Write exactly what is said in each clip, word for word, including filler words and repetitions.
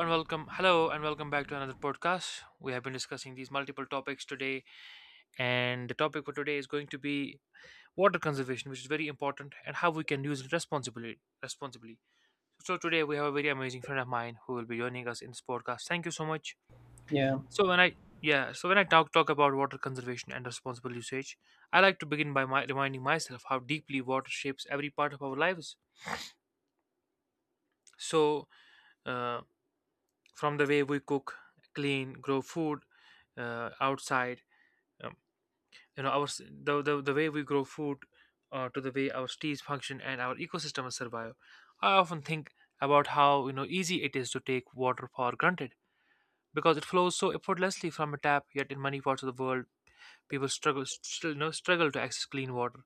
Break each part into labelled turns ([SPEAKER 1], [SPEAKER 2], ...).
[SPEAKER 1] And welcome. Hello, and welcome back to another podcast. We have been discussing these multiple topics today, and the topic for today is going to be water conservation, which is very important, and how we can use it responsibly. Responsibly. So today we have a very amazing friend of mine who will be joining us in this podcast. Thank you so much.
[SPEAKER 2] Yeah,
[SPEAKER 1] So when I Yeah, so when I talk talk about water conservation and responsible usage, I like to begin by my, reminding myself how deeply water shapes every part of our lives. So. uh, from the way we cook, clean, grow food uh, outside. Um, you know, our s- the, the the way we grow food, uh, to the way our trees function and our ecosystems survive. I often think about how you know easy it is to take water for granted because it flows so effortlessly from a tap. Yet in many parts of the world, people struggle still, you know, struggle to access clean water,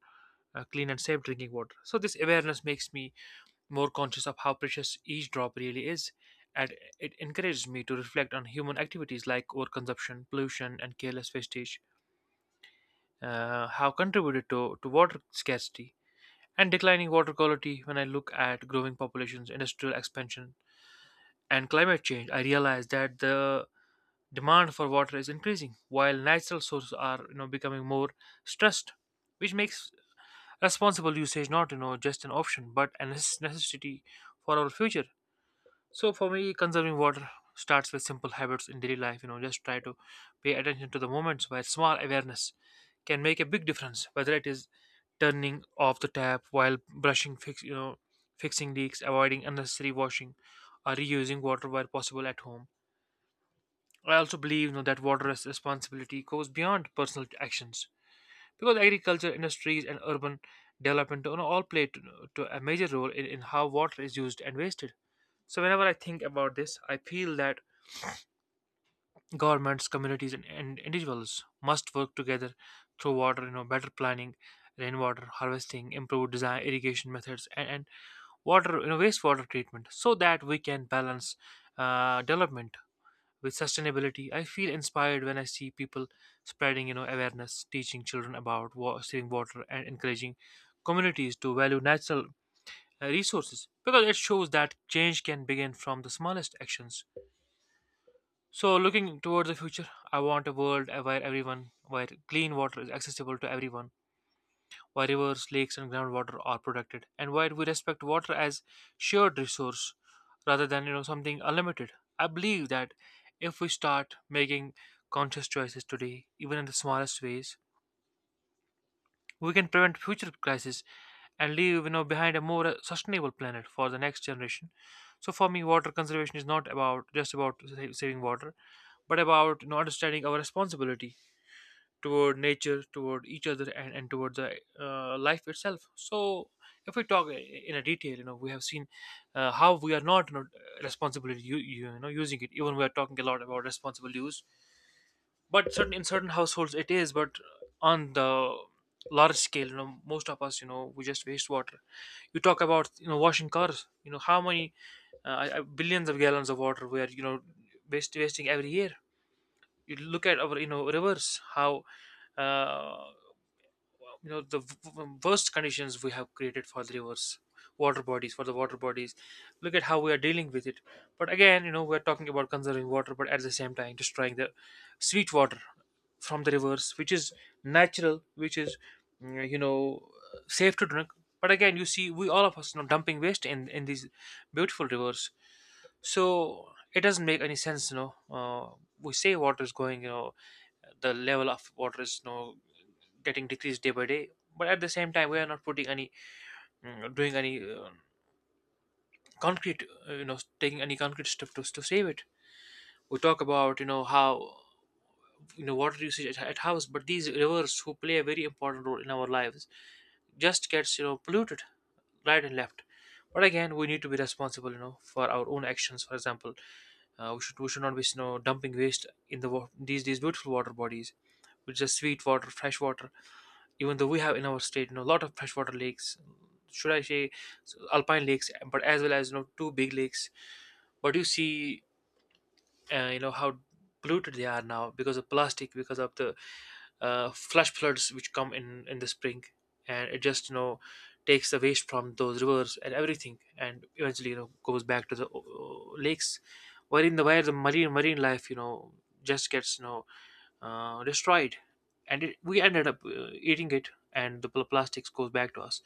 [SPEAKER 1] uh, clean and safe drinking water. So this awareness makes me more conscious of how precious each drop really is, and it encourages me to reflect on human activities like overconsumption, pollution, and careless wastage, uh, how contributed to, to water scarcity and declining water quality. When I look at growing populations, industrial expansion, and climate change, I realize that the demand for water is increasing while natural sources are, you know becoming more stressed, which makes responsible usage not, you know just an option but a necess- necessity for our future. So for me, conserving water starts with simple habits in daily life. You know, just try to pay attention to the moments where small awareness can make a big difference. Whether it is turning off the tap while brushing, fix you know, fixing leaks, avoiding unnecessary washing, or reusing water where possible at home. I also believe, you know, that water res- responsibility goes beyond personal actions because agriculture, industries, and urban development, you know, all play to, to a major role in, in how water is used and wasted. So whenever I think about this, I feel that governments, communities, and, and individuals must work together through water, you know, better planning, rainwater harvesting, improved design, irrigation methods, and, and water, you know, wastewater treatment, so that we can balance uh, development with sustainability. I feel inspired when I see people spreading, you know, awareness, teaching children about wa- saving water, and encouraging communities to value natural uh, resources because it shows that change can begin from the smallest actions. So, looking towards the future, I want a world where everyone, where clean water is accessible to everyone, where rivers, lakes, and groundwater are protected, and where we respect water as shared resource rather than, you know something unlimited. I believe that if we start making conscious choices today, even in the smallest ways, we can prevent future crises and leave, you know behind a more uh, sustainable planet for the next generation. So for me, water conservation is not about just about sa- saving water, but about, you know, understanding our responsibility toward nature, toward each other, and, and toward the uh, life itself. So if we talk i- in a detail, you know, we have seen uh, how we are not, you know, responsible you, you know using it. Even we are talking a lot about responsible use, but certain in certain households it is, but on the large scale, you know, most of us, you know, we just waste water. You talk about, you know, washing cars, you know how many uh, uh, billions of gallons of water we are, you know, waste, wasting every year. You look at our, you know, rivers, how, uh, wow, you know the v- worst conditions we have created for the rivers, water bodies, for the water bodies. Look at how we are dealing with it. But again, you know, we're talking about conserving water but at the same time destroying the sweet water from the rivers, which is natural, which is, mm, you know, safe to drink. But again, you see, we all of us, you know, dumping waste in in these beautiful rivers. So it doesn't make any sense, you know. Uh, we say water is going, you know, the level of water is, you know, getting decreased day by day, but at the same time we are not putting any, mm, doing any uh, concrete, uh, you know, taking any concrete step to, to save it. We talk about, you know, how, you know, water usage at, at house, but these rivers who play a very important role in our lives just gets, you know, polluted right and left. But again, we need to be responsible, you know, for our own actions. For example, uh, we should we should not be, you know, dumping waste in the wa- these these beautiful water bodies, which is sweet water, fresh water. Even though we have in our state, you know, a lot of freshwater lakes, should I say, s- alpine lakes, but as well as, you know, two big lakes. But you see, uh, you know how polluted they are now because of plastic, because of the uh, flash floods which come in in the spring, and it just, you know, takes the waste from those rivers and everything and eventually, you know, goes back to the uh, lakes, wherein the where the marine marine life, you know, just gets no uh, destroyed. And it, we ended up uh, eating it, and the pl- plastics goes back to us.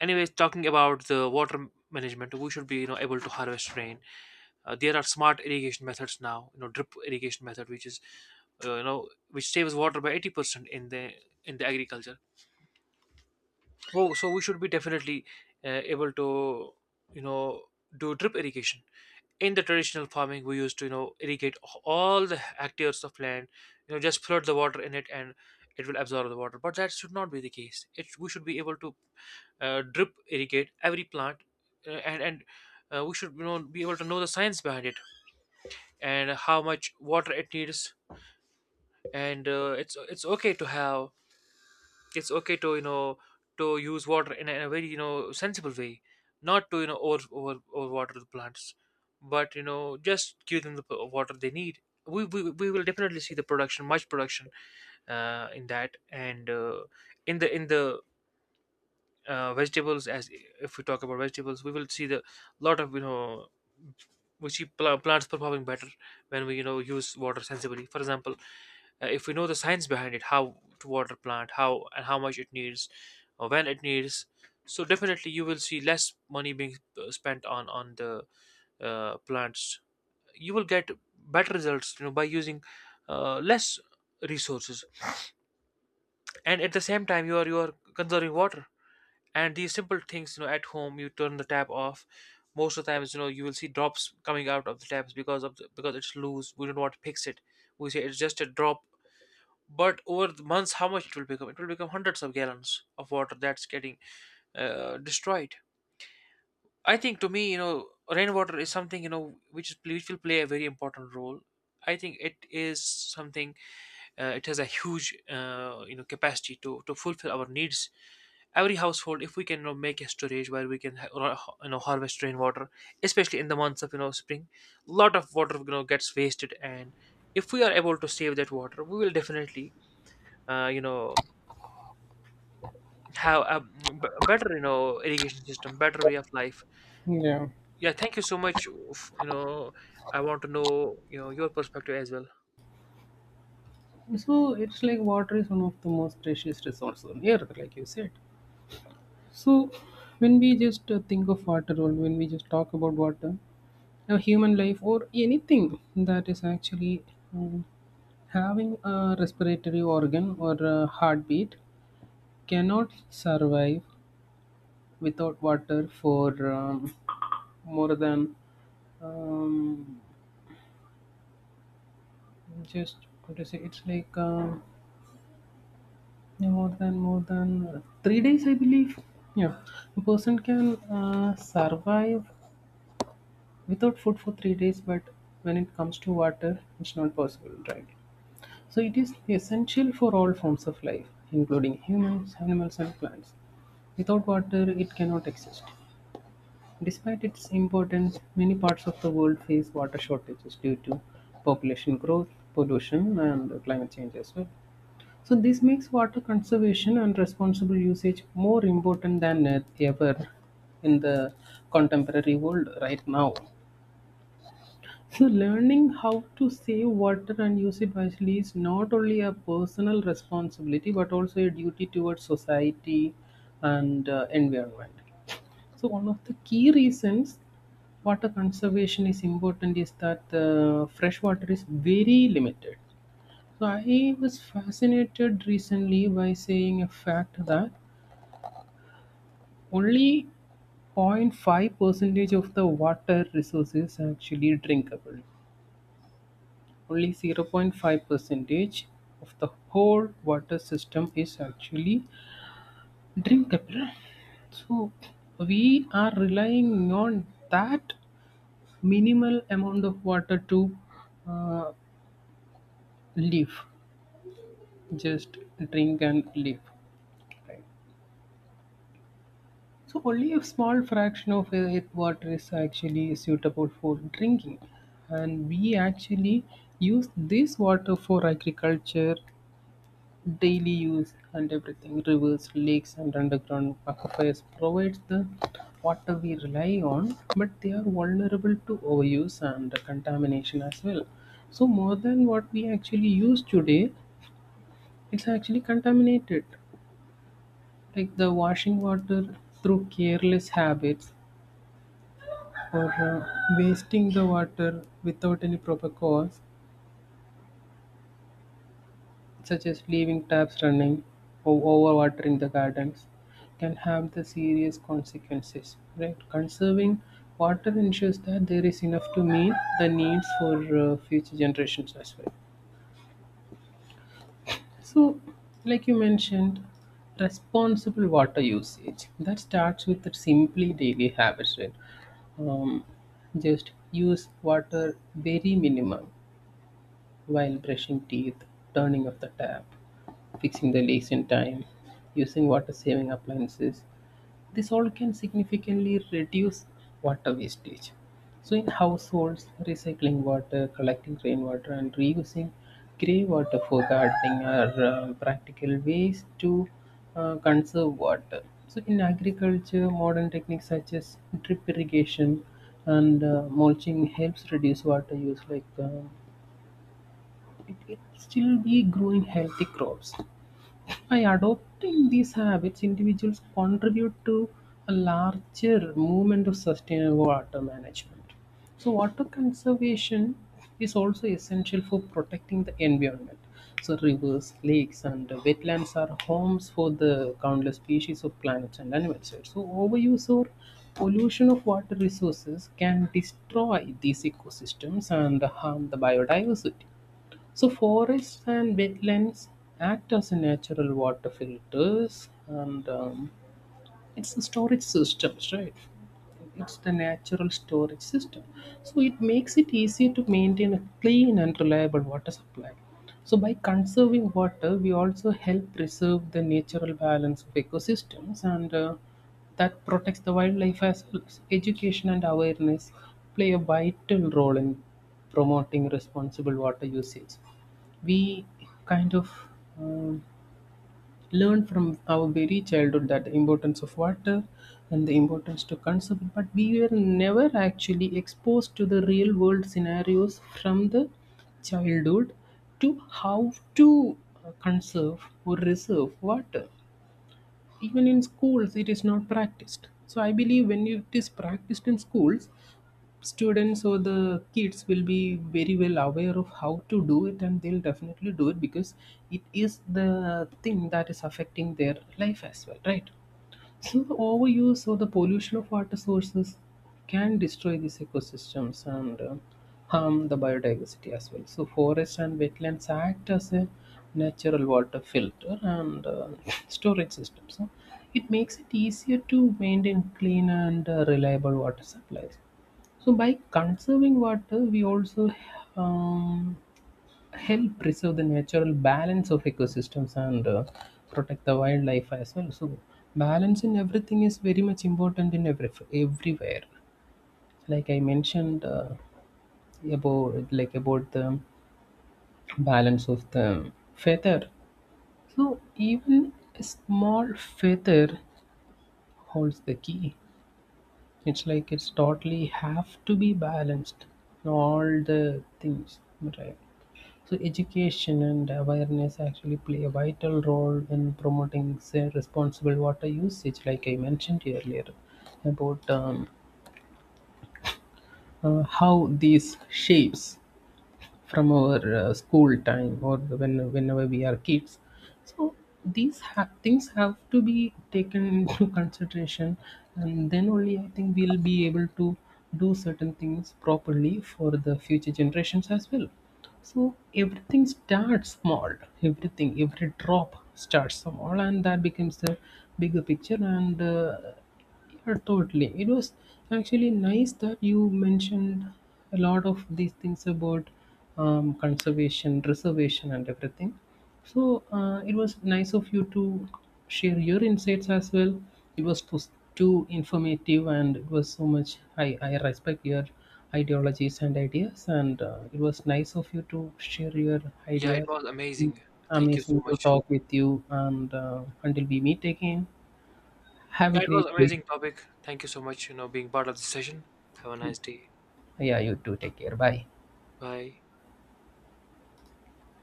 [SPEAKER 1] Anyways, talking about the water management, we should be, you know, able to harvest rain. Uh, there are smart irrigation methods now, you know, drip irrigation method, which is, uh, you know, which saves water by eighty percent in the in the agriculture. Oh, so we should be definitely uh, able to, you know, do drip irrigation. In the traditional farming, we used to, you know, irrigate all the hectares of land, you know, just flood the water in it and it will absorb the water. But that should not be the case. It we should be able to uh, drip irrigate every plant, uh, and and uh, we should, you know, be able to know the science behind it and how much water it needs. And uh, it's it's okay to have, it's okay to, you know, to use water in a, in a very, you know, sensible way, not to, you know, over over, overwater the plants, but you know, just give them the p- water they need. We, we, we will definitely see the production, much production uh, in that, and uh, in the in the uh, vegetables. As if we talk about vegetables, we will see the lot of, you know, we see pl- plants performing better when we, you know, use water sensibly. For example, uh, if we know the science behind it, how to water plant, how and how much it needs, or when it needs. So definitely you will see less money being uh, spent on on the uh, plants. You will get better results, you know, by using uh, less resources, and at the same time you are, you are conserving water. And these simple things, you know, at home, you turn the tap off. Most of the times, you know, you will see drops coming out of the taps because of the, because it's loose, we don't want to fix it. We say it's just a drop, but over the months how much it will become, it will become hundreds of gallons of water that's getting uh, destroyed. I think to me, you know, rainwater is something, you know, which is which will play a very important role. I think it is something, uh, it has a huge uh, you know capacity to to fulfill our needs. Every household, if we can, you know, make a storage where we can ha- ro- you know, harvest rainwater, especially in the months of, you know, spring, a lot of water, you know, gets wasted. And if we are able to save that water, we will definitely uh, you know, have a b- better, you know, irrigation system, better way of life.
[SPEAKER 2] yeah.
[SPEAKER 1] Yeah, thank you so much, f- you know, I want to know, you know, your perspective as well.
[SPEAKER 2] So it's like water is one of the most precious resource on earth, like you said. So when we just uh, think of water, or when we just talk about water, a human life or anything that is actually um, having a respiratory organ or a heartbeat cannot survive without water for um, more than um, just what to say. It's like. Um, More than more than three days, I believe. Yeah, a person can uh, survive without food for three days, but when it comes to water, it's not possible, right? So it is essential for all forms of life, including humans, animals, and plants. Without water, it cannot exist. Despite its importance, many parts of the world face water shortages due to population growth, pollution, and climate change as well. So this makes water conservation and responsible usage more important than e- ever in the contemporary world right now. So learning how to save water and use it wisely is not only a personal responsibility but also a duty towards society and uh, environment. So one of the key reasons water conservation is important is that the fresh water is very limited, so I was fascinated recently by saying a fact that only zero point 0.5 percentage of the water resources are actually drinkable. Only zero point 0.5 percentage of the whole water system is actually drinkable. So we are relying on that minimal amount of water to uh, live, just drink and live. Right? So only a small fraction of it water is actually suitable for drinking, and we actually use this water for agriculture, daily use, and everything. Rivers, lakes, and underground aquifers provides the water we rely on, but they are vulnerable to overuse and contamination as well. So more than what we actually use today, it's actually contaminated like the washing water through careless habits for uh, wasting the water without any proper cause, such as leaving taps running or overwatering the gardens, can have the serious consequences. Right? Conserving water ensures that there is enough to meet the needs for uh, future generations as well. So, like you mentioned, responsible water usage that starts with the simply daily habits, right? um, just use water very minimum while brushing teeth, turning off the tap, fixing the leaks in time, using water saving appliances. This all can significantly reduce water wastage. So, in households, recycling water, collecting rainwater, and reusing grey water for gardening are uh, practical ways to uh, conserve water. So, in agriculture, modern techniques such as drip irrigation and uh, mulching helps reduce water use, like um it will still be growing healthy crops. By adopting these habits, individuals contribute to a larger movement of sustainable water management. So, water conservation is also essential for protecting the environment. So, rivers, lakes, and wetlands are homes for the countless species of plants and animals, right? So, overuse or pollution of water resources can destroy these ecosystems and harm the biodiversity. So forests and wetlands act as a natural water filters, and um, it's the storage systems, right? It's the natural storage system. So it makes it easier to maintain a clean and reliable water supply. So by conserving water, we also help preserve the natural balance of ecosystems and uh, that protects the wildlife as well as education and awareness play a vital role in promoting responsible water usage. We kind of um, learned from our very childhood that the importance of water and the importance to conserve it, but we were never actually exposed to the real world scenarios from the childhood to how to uh, conserve or reserve water. Even in schools it is not practiced, so I believe when it is practiced in schools, students or the kids will be very well aware of how to do it, and they'll definitely do it because it is the thing that is affecting their life as well, right? So the overuse or the pollution of water sources can destroy these ecosystems and uh, harm the biodiversity as well. So forests and wetlands act as a natural water filter and uh, storage system. So it makes it easier to maintain clean and uh, reliable water supplies. So by conserving water, we also um, help preserve the natural balance of ecosystems and uh, protect the wildlife as well. So balance in everything is very much important in every everywhere, like I mentioned uh, about like about the balance of the feather. So even a small feather holds the key. It's like it's totally have to be balanced, all the things, right? So education and awareness actually play a vital role in promoting, say, responsible water usage, like I mentioned earlier about um, uh, how these shapes from our uh, school time or when whenever we are kids. So these ha- things have to be taken into consideration, and then only I think we'll be able to do certain things properly for the future generations as well. So everything starts small. Everything, every drop starts small and that becomes the bigger picture, and uh, yeah, totally. It was actually nice that you mentioned a lot of these things about um, conservation, preservation, and everything. So uh, it was nice of you to share your insights as well. It was too, too informative, and it was so much. I, I respect your ideologies and ideas, and uh, it was nice of you to share your
[SPEAKER 1] Yeah, it
[SPEAKER 2] ideas.
[SPEAKER 1] was amazing. Thank you
[SPEAKER 2] Amazing
[SPEAKER 1] so
[SPEAKER 2] to
[SPEAKER 1] much.
[SPEAKER 2] talk with you, and uh, until we meet again, have a
[SPEAKER 1] Yeah, it
[SPEAKER 2] great
[SPEAKER 1] was
[SPEAKER 2] day.
[SPEAKER 1] amazing topic. Thank you so much, you know, being part of this session. Have a nice day.
[SPEAKER 2] Yeah, you too. Take care. Bye.
[SPEAKER 1] Bye.